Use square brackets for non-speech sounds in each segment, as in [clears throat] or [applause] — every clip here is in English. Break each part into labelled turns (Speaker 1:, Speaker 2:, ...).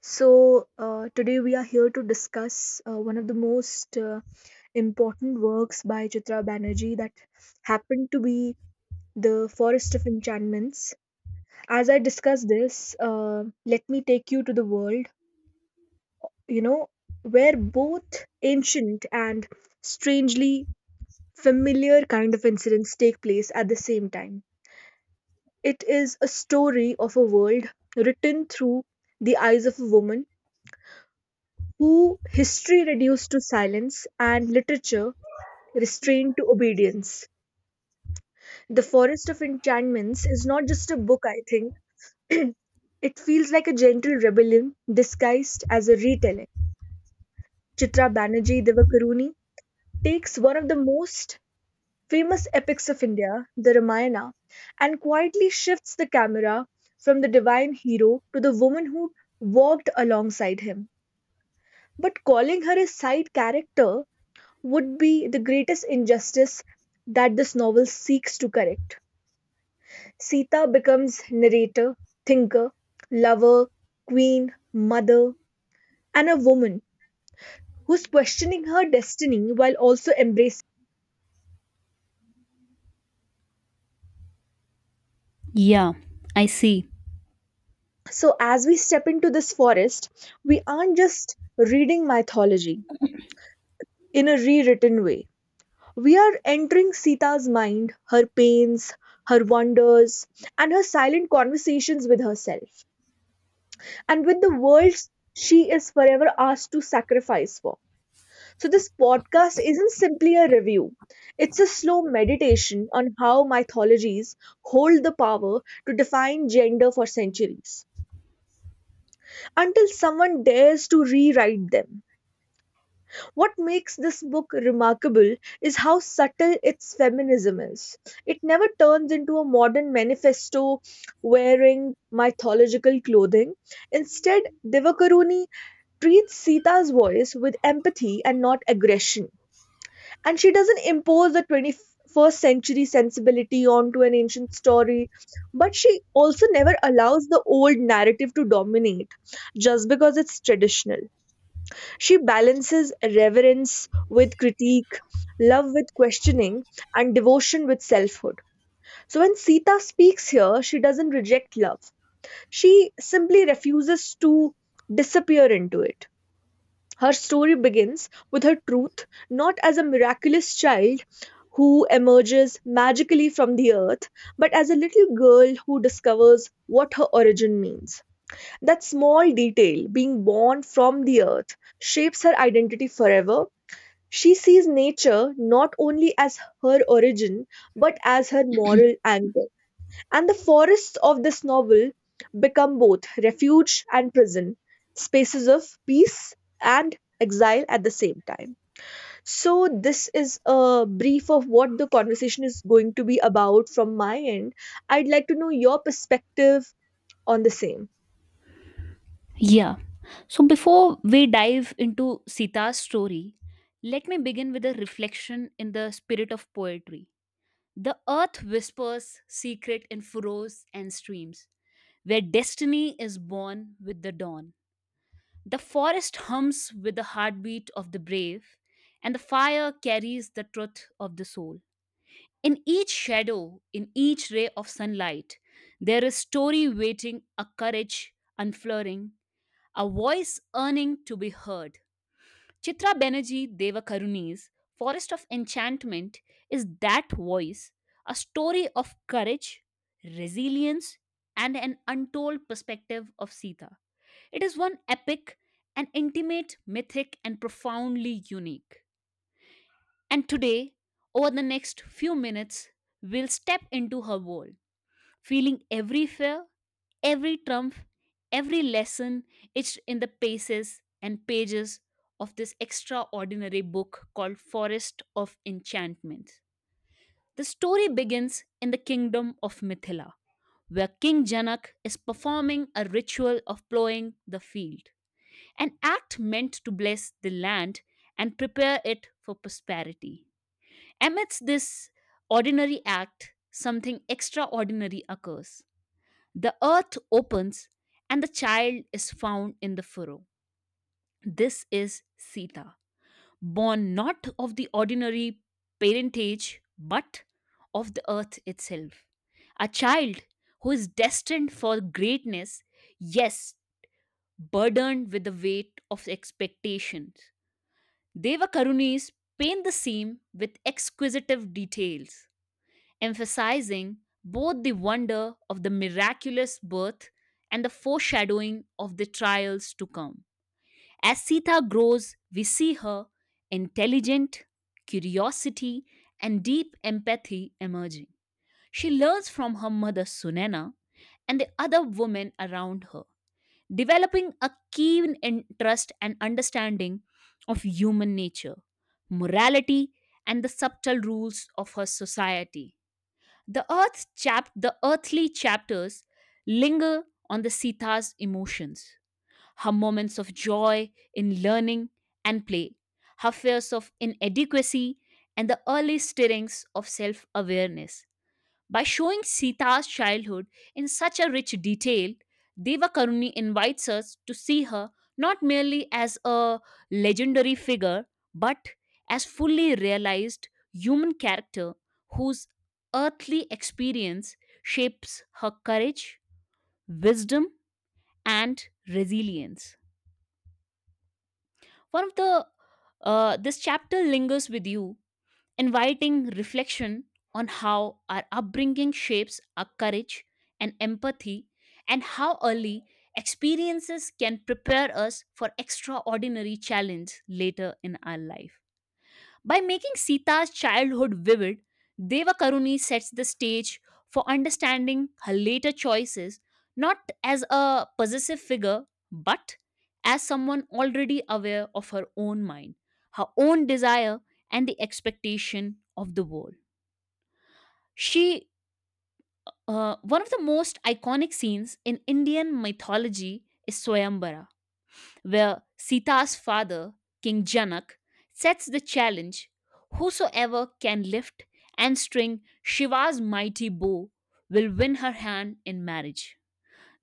Speaker 1: So, today we are here to discuss one of the most important works by Chitra Banerjee that happened to be The Forest of Enchantments. As I discuss this, let me take you to the world, you know, where both ancient and strangely familiar kind of incidents take place at the same time. It is a story of a world written through the eyes of a woman who history reduced to silence and literature restrained to obedience. The Forest of Enchantments is not just a book, I think. [clears throat] It feels like a gentle rebellion disguised as a retelling. Chitra Banerjee Devakaruni takes one of the most famous epics of India, the Ramayana, and quietly shifts the camera from the divine hero to the woman who walked alongside him. But calling her a side character would be the greatest injustice that this novel seeks to correct. Sita becomes narrator, thinker, lover, queen, mother, and a woman who's questioning her destiny while also embracing.
Speaker 2: Yeah, I see.
Speaker 1: So, as we step into this forest, we aren't just reading mythology in a rewritten way. We are entering Sita's mind, her pains, her wonders, and her silent conversations with herself and with the world she is forever asked to sacrifice for. So, this podcast isn't simply a review, it's a slow meditation on how mythologies hold the power to define gender for centuries until someone dares to rewrite them. What makes this book remarkable is how subtle its feminism is. It never turns into a modern manifesto wearing mythological clothing. Instead, Divakaruni treats Sita's voice with empathy and not aggression. And she doesn't impose a 21st century sensibility onto an ancient story, but she also never allows the old narrative to dominate just because it's traditional. She balances reverence with critique, love with questioning, and devotion with selfhood. So when Sita speaks here, she doesn't reject love, she simply refuses to disappear into it. Her story begins with her truth, not as a miraculous child who emerges magically from the earth, but as a little girl who discovers what her origin means. That small detail, being born from the earth, shapes her identity forever. She sees nature not only as her origin, but as her moral anchor. And the forests of this novel become both refuge and prison, spaces of peace and exile at the same time. So, this is a brief of what the conversation is going to be about from my end. I'd like to know your perspective on the same.
Speaker 2: Yeah. So before we dive into Sita's story, let me begin with a reflection in the spirit of poetry. The earth whispers secret in furrows and streams, where destiny is born with the dawn. The forest hums with the heartbeat of the brave, and the fire carries the truth of the soul. In each shadow, in each ray of sunlight, there is story waiting, a courage unflaring a voice yearning to be heard. Chitra Banerjee Devakaruni's Forest of Enchantment is that voice, a story of courage, resilience, and an untold perspective of Sita. It is one epic an intimate, mythic, and profoundly unique. And today, over the next few minutes, we'll step into her world feeling every fear, every trump, every lesson etched in the paces and pages of this extraordinary book called Forest of Enchantment. The story begins in the kingdom of Mithila, where King Janak is performing a ritual of plowing the field, an act meant to bless the land and prepare it for prosperity. Amidst this ordinary act, something extraordinary occurs. The earth opens and the child is found in the furrow. This is Sita, born not of the ordinary parentage but of the earth itself. A child who is destined for greatness, yes, burdened with the weight of expectations. Deva Karunis paint the scene with exquisite details emphasizing both the wonder of the miraculous birth and the foreshadowing of the trials to come. As Sita grows, we see her intelligent, curiosity, and deep empathy emerging. She learns from her mother Sunena and the other women around her, developing a keen interest and understanding of human nature, morality, and the subtle rules of her society. The earth's chap the earthly chapters linger on the Sita's emotions, her moments of joy in learning and play, her fears of inadequacy, and the early stirrings of self-awareness. By showing Sita's childhood in such a rich detail, Devakaruni invites us to see her not merely as a legendary figure, but as fully realized human character whose earthly experience shapes her courage, wisdom, and resilience. One of the this chapter lingers with you inviting reflection on how our upbringing shapes our courage and empathy, and how early experiences can prepare us for extraordinary challenge later in our life. By making Sita's childhood vivid, Devakaruni sets the stage for understanding her later choices not as a possessive figure but as someone already aware of her own mind, her own desire, and the expectation of the world. She, one of the most iconic scenes in Indian mythology is Swayambara, where Sita's father, King Janak, sets the challenge whosoever can lift and string Shiva's mighty bow will win her hand in marriage.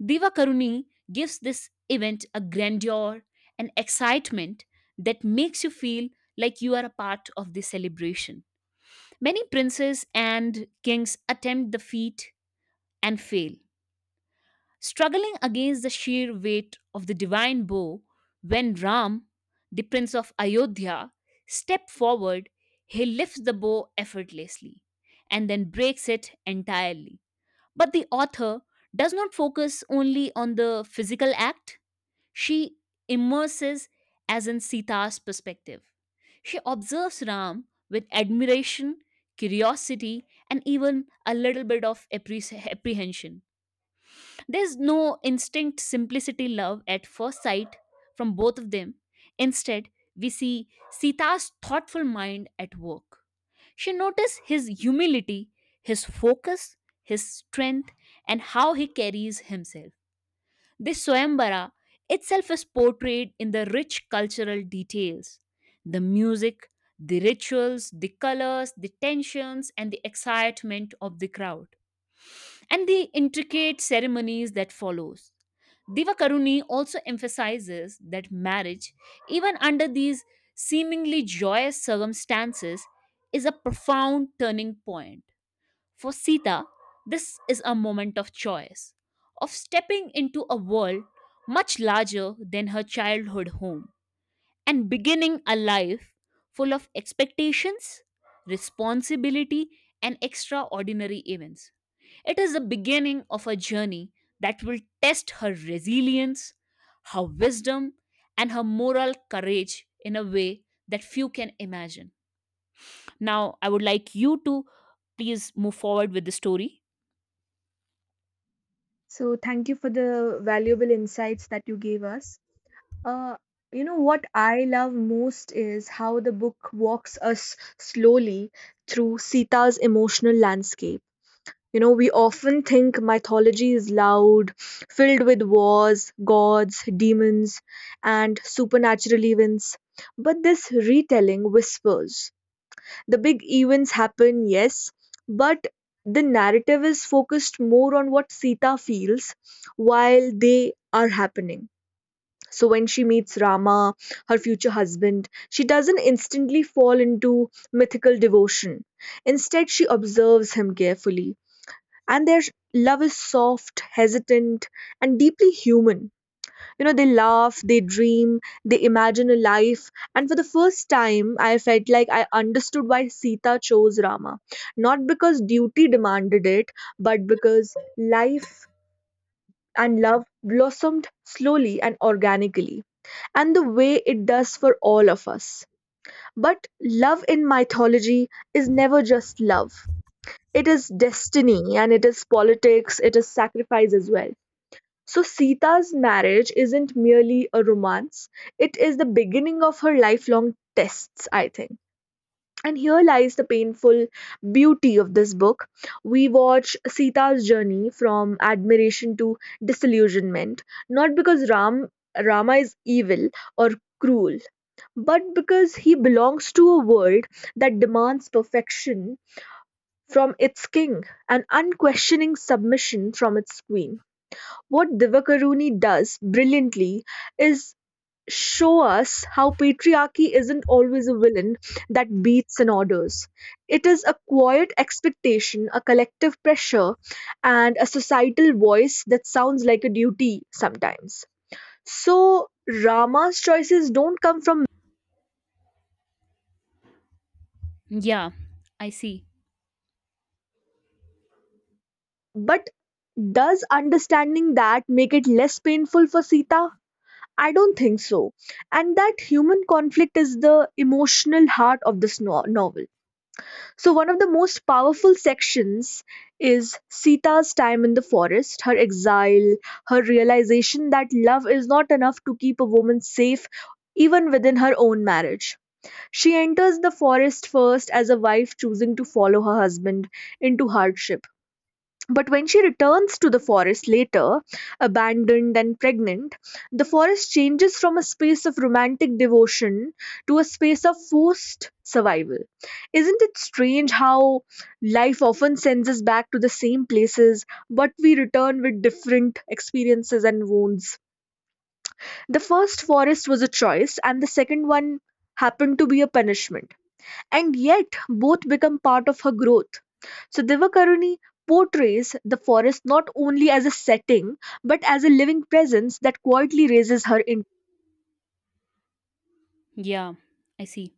Speaker 2: Divakaruni gives this event a grandeur and excitement that makes you feel like you are a part of the celebration. Many princes and kings attempt the feat and fail, struggling against the sheer weight of the divine bow when Ram, the prince of Ayodhya, steps forward, he lifts the bow effortlessly and then breaks it entirely. But the author does not focus only on the physical act, she immerses as in Sita's perspective. She observes Ram with admiration, curiosity, and even a little bit of apprehension there's no instinct simplicity love at first sight from both of them. Instead, we see Sita's thoughtful mind at work. She noticed his humility, his focus, his strength, and how he carries himself. This Swayambara itself is portrayed in the rich cultural details the music, the rituals, the colors, the tensions, and the excitement of the crowd and the intricate ceremonies that follows. Divakaruni also emphasizes that marriage, even under these seemingly joyous circumstances, is a profound turning point. For Sita, this is a moment of choice, of stepping into a world much larger than her childhood home and beginning a life full of expectations, responsibility, and extraordinary events. It is the beginning of a journey that will test her resilience, her wisdom, and her moral courage in a way that few can imagine. Now, I would like you to please move forward with the story.
Speaker 1: So, thank you for the valuable insights that you gave us. Uh, you know, what I love most is how the book walks us slowly through Sita's emotional landscape. You know, we often think mythology is loud, filled with wars, gods, demons, and supernatural events. But this retelling whispers. The big events happen, yes, but the narrative is focused more on what Sita feels while they are happening. So, when she meets Rama, her future husband, she doesn't instantly fall into mythical devotion. Instead, she observes him carefully and their love is soft, hesitant, and deeply human. You know, they laugh, they dream, they imagine a life. And for the first time, I felt like I understood why Sita chose Rama. Not because duty demanded it, but because life and love blossomed slowly and organically, and the way it does for all of us. But love in mythology is never just love. It is destiny and it is politics, it is sacrifice as well. So, Sita's marriage isn't merely a romance, it is the beginning of her lifelong tests, I think. And here lies the painful beauty of this book. We watch Sita's journey from admiration to disillusionment, not because Rama is evil or cruel, but because he belongs to a world that demands perfection from its king and unquestioning submission from its queen. What Divakaruni does brilliantly is show us how patriarchy isn't always a villain that beats and orders. It is a quiet expectation, a collective pressure, and a societal voice that sounds like a duty sometimes. So, Rama's choices don't come from,
Speaker 2: Yeah, I see.
Speaker 1: but does understanding that make it less painful for Sita? I don't think so. And that human conflict is the emotional heart of this novel. So one of the most powerful sections is Sita's time in the forest, her exile, her realization that love is not enough to keep a woman safe even within her own marriage. She enters the forest first as a wife choosing to follow her husband into hardship, but when she returns to the forest later, abandoned and pregnant, the forest changes from a space of romantic devotion to a space of forced survival. Isn't it strange how life often sends us back to the same places, but we return with different experiences and wounds? The first forest was a choice, and the second one happened to be a punishment, and yet both become part of her growth. So Divakaruni portrays the forest not only as a setting but as a living presence that quietly raises her in
Speaker 2: Yeah, I see.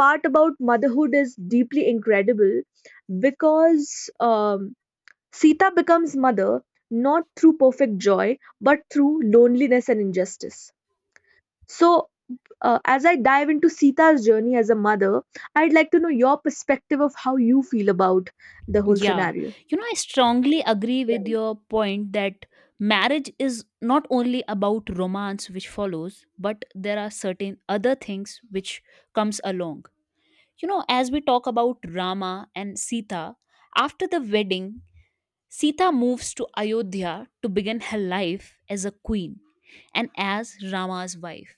Speaker 1: part about motherhood is deeply incredible because Sita becomes mother not through perfect joy but through loneliness and injustice. So as I dive into Sita's journey as a mother, I'd like to know your perspective of how you feel about the whole
Speaker 2: Yeah.
Speaker 1: scenario.
Speaker 2: You know, I strongly agree with your point that marriage is not only about romance which follows, but there are certain other things which comes along. You know, as we talk about Rama and Sita, after the wedding, Sita moves to Ayodhya to begin her life as a queen and as Rama's wife.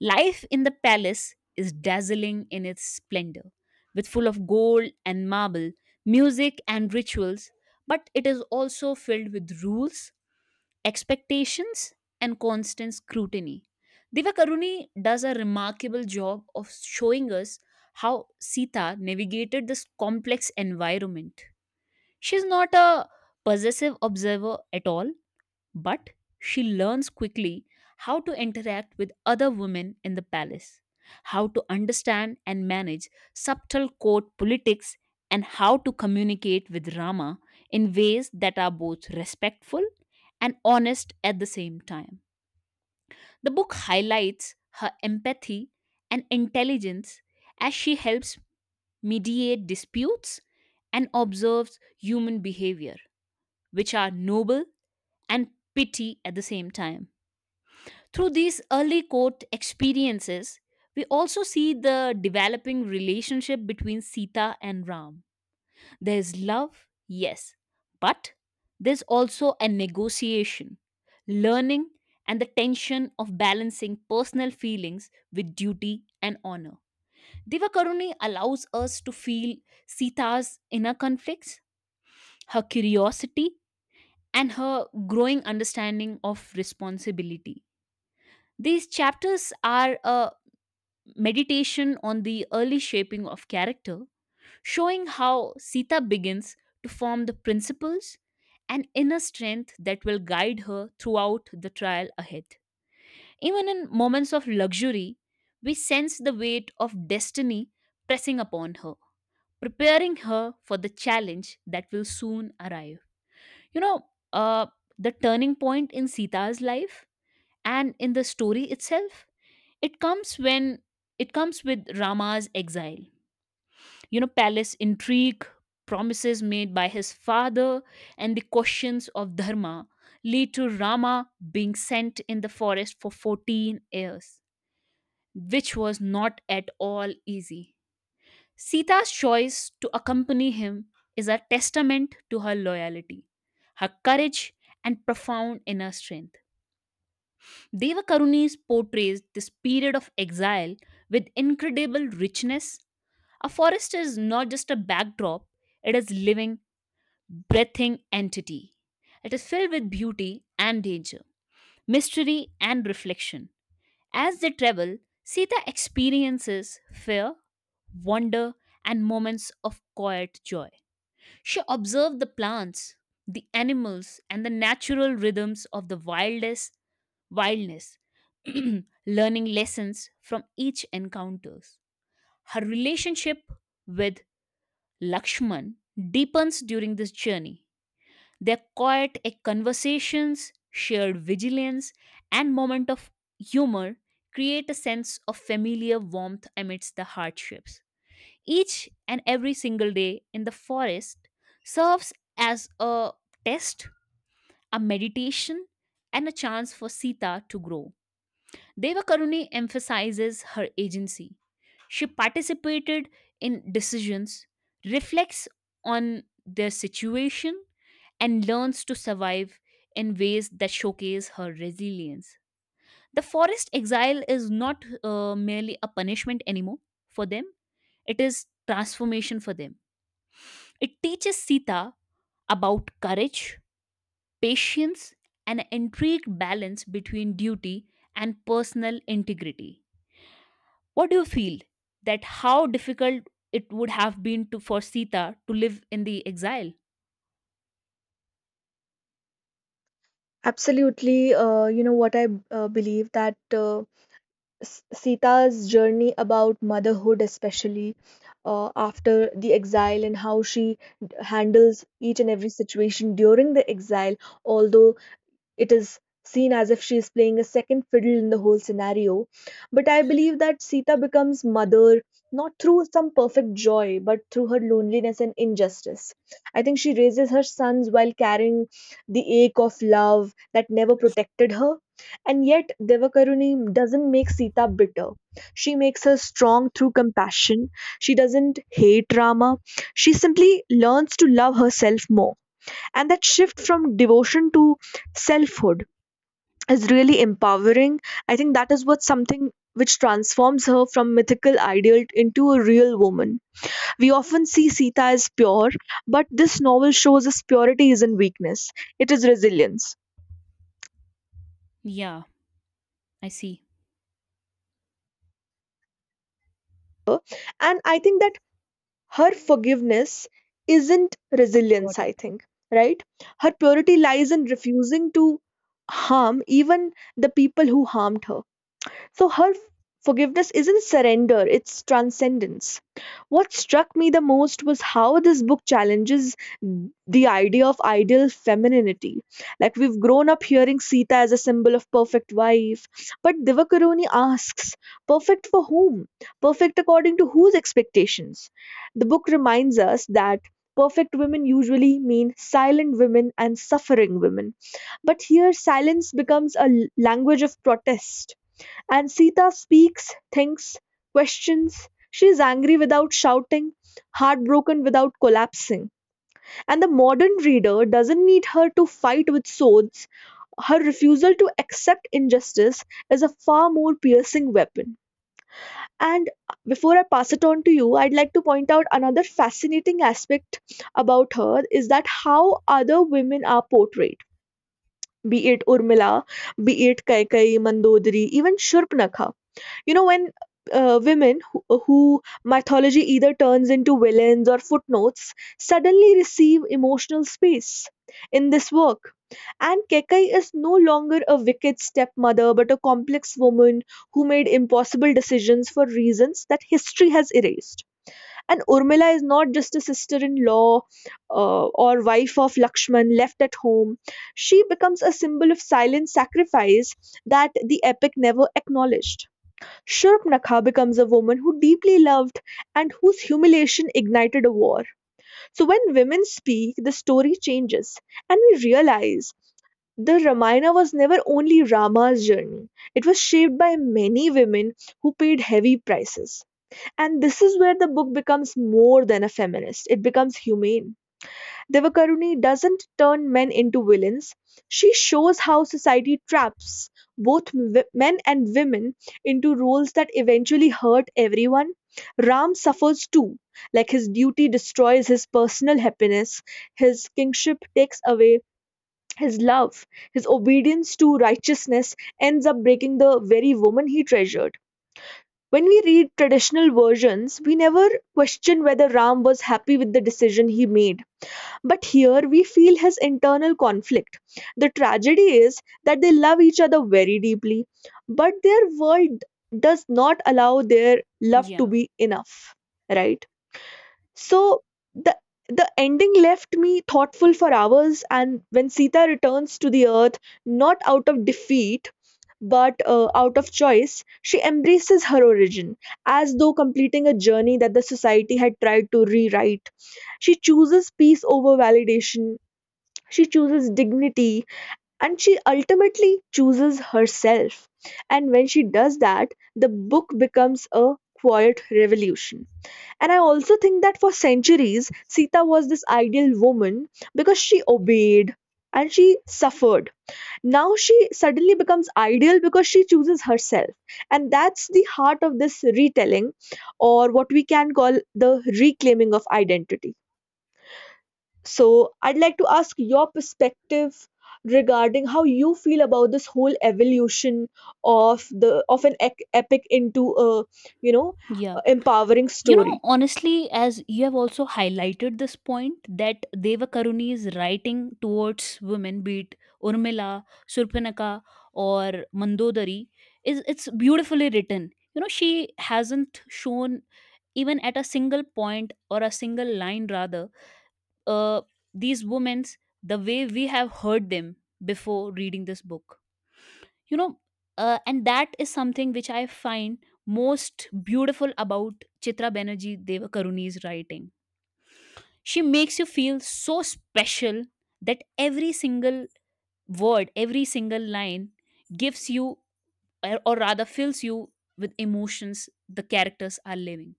Speaker 2: Life in the palace is dazzling in its splendor, with full of gold and marble, music and rituals, but it is also filled with rules, expectations, and constant scrutiny. Divakaruni does a remarkable job of showing us how Sita navigated this complex environment. She's not a possessive observer at all. But she learns quickly how to interact with other women in the palace, how to understand and manage subtle court politics, and how to communicate with Rama in ways that are both respectful and honest at the same time. The book highlights her empathy and intelligence as she helps mediate disputes and observes human behavior, which are noble and pity at the same time. Through these early court experiences, we also see the developing relationship between Sita and Ram. There's love, yes, but there's also a negotiation, learning, and the tension of balancing personal feelings with duty and honor. Divakaruni allows us to feel Sita's inner conflicts, her curiosity, and her growing understanding of responsibility. These chapters are a meditation on the early shaping of character, showing how Sita begins to form the principles and inner strength that will guide her throughout the trial ahead. Even in moments of luxury, we sense the weight of destiny pressing upon her, preparing her for the challenge that will soon arrive. You know, uh, the turning point in Sita's life and in the story itself, it comes when it comes with Rama's exile. You know, palace intrigue, promises made by his father, and the questions of dharma lead to rama being sent in the forest for 14 years, which was not at all easy. Sita's choice to accompany him is a testament to her loyalty, her courage, and profound inner strength. Devakaruni portrays this period of exile with incredible richness. A forest is not just a backdrop, it is living, breathing entity. It is filled with beauty and danger, mystery and reflection. As they travel, Sita experiences fear, wonder, and moments of quiet joy. She observed the plants, the animals, and the natural rhythms of the wildest wildness, [clears throat] learning lessons from each encounters. Her relationship with Lakshman deepens during this journey. Their quiet conversations, shared vigilance, and moment of humor create a sense of familiar warmth amidst the hardships. Each and every single day in the forest serves as a test, a meditation, and a chance for Sita to grow. Devakaruni emphasizes her agency. She participated in decisions, reflects on their situation, and learns to survive in ways that showcase her resilience. The forest exile is not merely a punishment anymore for them, it is transformation for them. It teaches Sita about courage, patience, and an intrigued balance between duty and personal integrity. What do you feel that how difficult it would have been to for Sita to live in the exile?
Speaker 1: Absolutely, you know what I believe that Sita's journey about motherhood, especially after the exile, and how she handles each and every situation during the exile, although it is seen as if she is playing a second fiddle in the whole scenario. But I believe that Sita becomes mother not through some perfect joy, but through her loneliness and injustice. I think she raises her sons while carrying the ache of love that never protected her. And yet, Devakaruni doesn't make Sita bitter. She makes her strong through compassion. She doesn't hate Rama. She simply learns to love herself more. And that shift from devotion to selfhood is really empowering. I think that is what something which transforms her from mythical ideal into a real woman. We often see Sita as pure, but this novel shows us purity isn't weakness, it is resilience.
Speaker 2: Yeah, I see.
Speaker 1: And I think that her forgiveness isn't
Speaker 2: Got
Speaker 1: resilience, I
Speaker 2: it.
Speaker 1: think, right? Her purity lies in refusing to harm even the people who harmed her. So her forgiveness isn't surrender, it's transcendence. What struck me the most was how this book challenges the idea of ideal femininity. Like we've grown up hearing Sita as a symbol of perfect wife, but Divakaruni asks, perfect for whom? Perfect according to whose expectations? The book reminds us that perfect women usually mean silent women and suffering women. But here, silence becomes a language of protest. And Sita speaks, thinks, questions. She is angry without shouting, heartbroken without collapsing. And the modern reader doesn't need her to fight with swords. Her refusal to accept injustice is a far more piercing weapon. And before I pass it on to you, I'd like to point out another fascinating aspect about her is that how other women are portrayed, be it Urmila, be it Kaikai, Mandodari, even Shurpanakha. You know, when women who mythology either turns into villains or footnotes suddenly receive emotional space in this work, and Kekai is no longer a wicked stepmother but a complex woman who made impossible decisions for reasons that history has erased, and Urmila is not just a sister-in-law or wife of Lakshman left at home. She becomes a symbol of silent sacrifice that the epic never acknowledged. Shurpanakha becomes a woman who deeply loved and whose humiliation ignited a war. So when women speak, the story changes, and we realize the Ramayana was never only Rama's journey. It was shaped by many women who paid heavy prices. And this is where the book becomes more than a feminist, it becomes humane. Devakaruni doesn't turn men into villains. She shows how society traps both men and women into roles that eventually hurt everyone. Ram suffers too. Like his duty destroys his personal happiness, his kingship takes away his love, his obedience to righteousness ends up breaking the very woman he treasured. When we read traditional versions, we never question whether Ram was happy with the decision he made, but here we feel his internal conflict. The tragedy is that they love each other very deeply, but their world does not allow their love to
Speaker 2: Yeah.
Speaker 1: be enough, right? So the the ending left me thoughtful for hours, and when Sita returns to the earth, not out of defeat but out of choice, she embraces her origin as though completing a journey that the society had tried to rewrite. She chooses peace over validation, she chooses dignity, and she ultimately chooses herself. And when she does that, the book becomes a quiet revolution. And I also think that for centuries, Sita was this ideal woman because she obeyed and she suffered. Now she suddenly becomes ideal because she chooses herself. And that's the heart of this retelling, or what we can call the reclaiming of identity. So, I'd like to ask your perspective regarding how you feel about this whole evolution of the of an epic into a, you know, a
Speaker 2: Yeah.
Speaker 1: empowering
Speaker 2: You know,
Speaker 1: story.
Speaker 2: honestly, as you have also highlighted this point that Devakaruni's writing towards women, be it Urmila, Surpanaka, or Mandodari, is it's beautifully written. You know, she hasn't shown even at a single point or a single line rather uh, these women's the way we have heard them before reading this book you know and that is something which I find most beautiful about chitra banerjee devakaruni's writing. She makes you feel so special that every single word every single line gives you or rather fills you with emotions. The characters are living,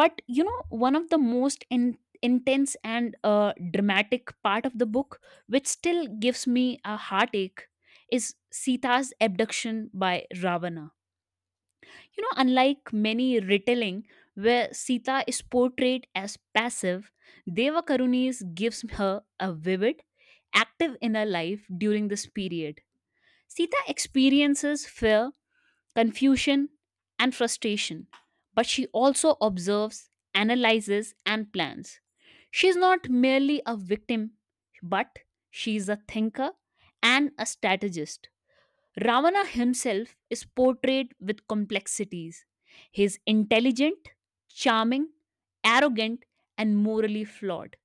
Speaker 2: but one of the most intense and dramatic part of the book which still gives me a heartache is sita's abduction by ravana. Unlike many retelling where sita is portrayed as passive, devakarunis gives her a vivid active inner life during this period. Sita experiences fear confusion, and frustration, but she also observes, analyzes, and plans. She is not merely a victim, but she is a thinker and a strategist. Ravana himself is portrayed with complexities. He is intelligent, charming, arrogant, and morally flawed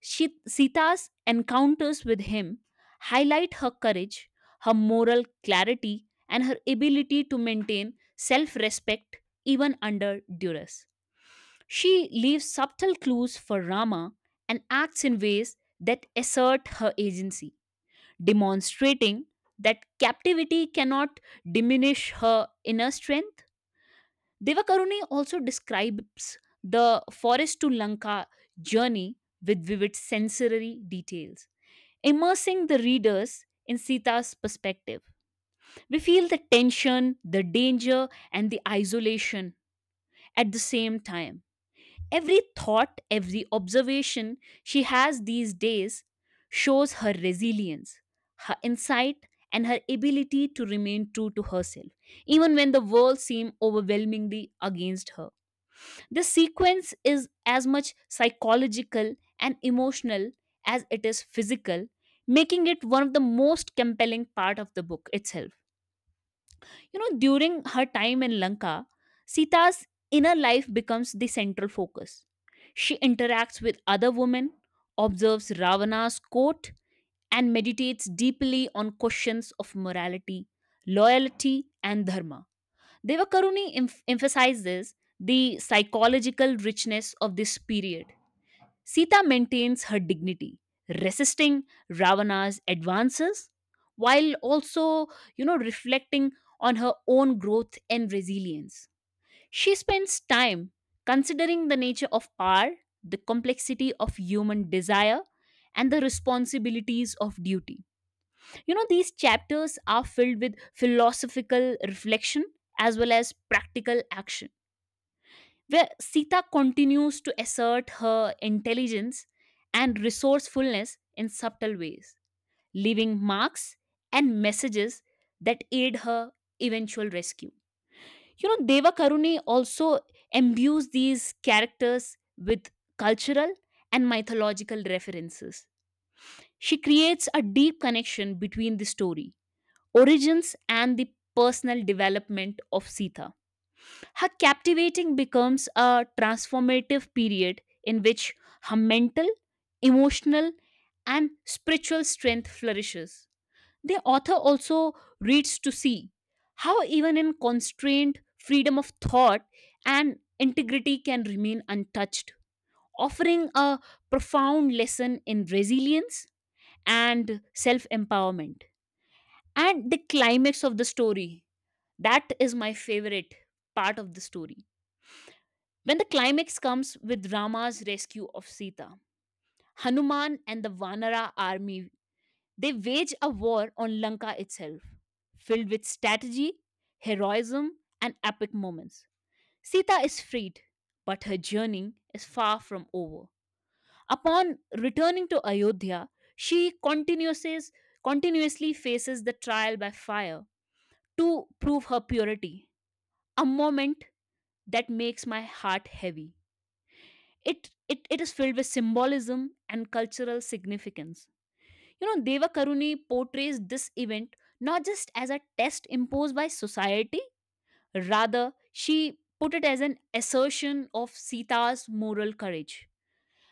Speaker 2: Sita's encounters with him highlight her courage, her moral clarity, and her ability to maintain self respect even under duress. She leaves subtle clues for Rama and acts in ways that assert her agency, demonstrating that captivity cannot diminish her inner strength. Devakaruni also describes the forest to Lanka journey with vivid sensory details immersing the readers in Sita's perspective. We feel the tension, the danger, and the isolation at the same time. Every thought, every observation she has these days shows her resilience, her insight, and her ability to remain true to herself, even when the world seems overwhelmingly against her. The sequence is as much psychological and emotional as it is physical, making it one of the most compelling part of the book itself. You know, during her time in Lanka, Sita's inner life becomes the central focus. She interacts with other women, observes Ravana's court, and meditates deeply on questions of morality, loyalty, and dharma. Emphasizes the psychological richness of this period. Sita maintains her dignity, resisting Ravana's advances while also, you know, reflecting on her own growth and resilience. She spends time considering the nature of power, the complexity of human desire, and the responsibilities of duty. You know, these chapters are filled with philosophical reflection as well as practical action, where Sita continues to assert her intelligence and resourcefulness in subtle ways, leaving marks and messages that aid her eventual rescue. You know, Deva Karuni also imbues these characters with cultural and mythological references. She creates a deep connection between the story origins and the personal development of Sita. Her captivating becomes a transformative period in which her mental, emotional, and spiritual strength flourishes. The author also reads to see how, even in constrained freedom of thought and integrity, can remain untouched, offering a profound lesson in resilience and self empowerment. And the climax of the story that is my favorite part of the story. When the climax comes with Rama's rescue of Sita, Hanuman and the Vanara army, they wage a war on Lanka itself, filled with strategy, heroism, and epic moments. Sita is freed, but her journey is far from over. Upon returning to Ayodhya, she continuously faces the trial by fire to prove her purity, a moment that makes my heart heavy. It is filled with symbolism and cultural significance. You know, Deva Karuni portrays this event not just as a test imposed by society, rather, she put it as an assertion of Sita's moral courage.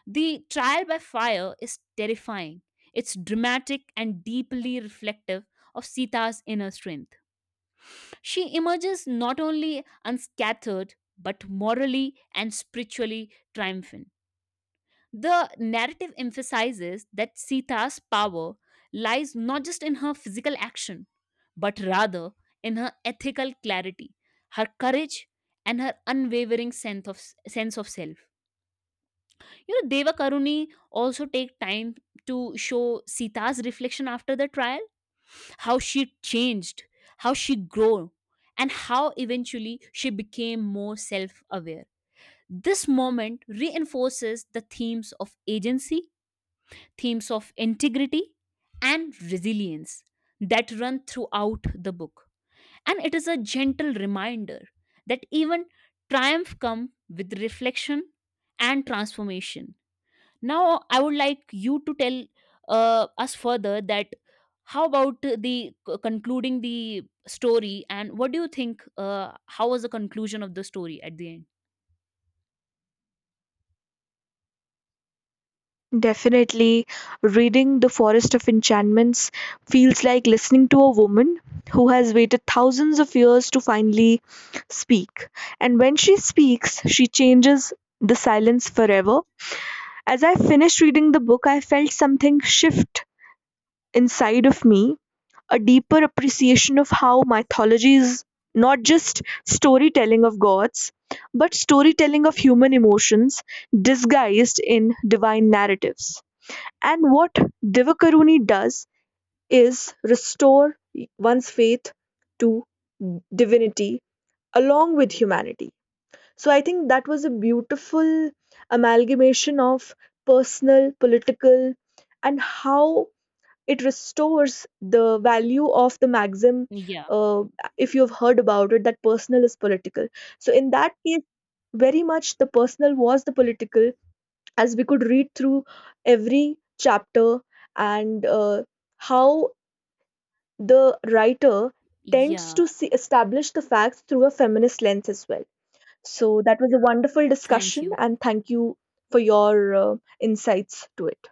Speaker 2: The trial by fire is terrifying, it's dramatic and deeply reflective of Sita's inner strength. She emerges not only unscattered, but morally and spiritually triumphant. The narrative emphasizes that Sita's power lies not just in her physical action, but rather in her ethical clarity, her courage, and her unwavering sense of self. You know, Deva Karuni also take time to show Sita's reflection after the trial how she changed, how she grew, and how eventually she became more self aware. This moment reinforces the themes of agency, themes of integrity, and resilience that run throughout the book. And it is a gentle reminder that even triumph comes with reflection and transformation. Now, I would like you to tell us further that how about the concluding the story and what do you think? How was the conclusion of the story at the end?
Speaker 1: Definitely, reading The Forest of Enchantments feels like listening to a woman who has waited thousands of years to finally speak. And when she speaks, she changes the silence forever. As I finished reading the book, I felt something shift inside of me, a deeper appreciation of how mythology is not just storytelling of gods, but storytelling of human emotions disguised in divine narratives. And what Divakaruni does is restore one's faith to divinity along with humanity. So I think that was a beautiful amalgamation of personal, political, and how it restores the value of the maxim,
Speaker 2: Yeah,
Speaker 1: uh, if you've heard about it, that personal is political. So in that case, very much the personal was the political as we could read through every chapter, and how the writer tends
Speaker 2: yeah.
Speaker 1: to see, establish the facts through a feminist lens as well. So that was a wonderful
Speaker 2: Thank
Speaker 1: discussion,
Speaker 2: you.
Speaker 1: and thank you for your insights to it.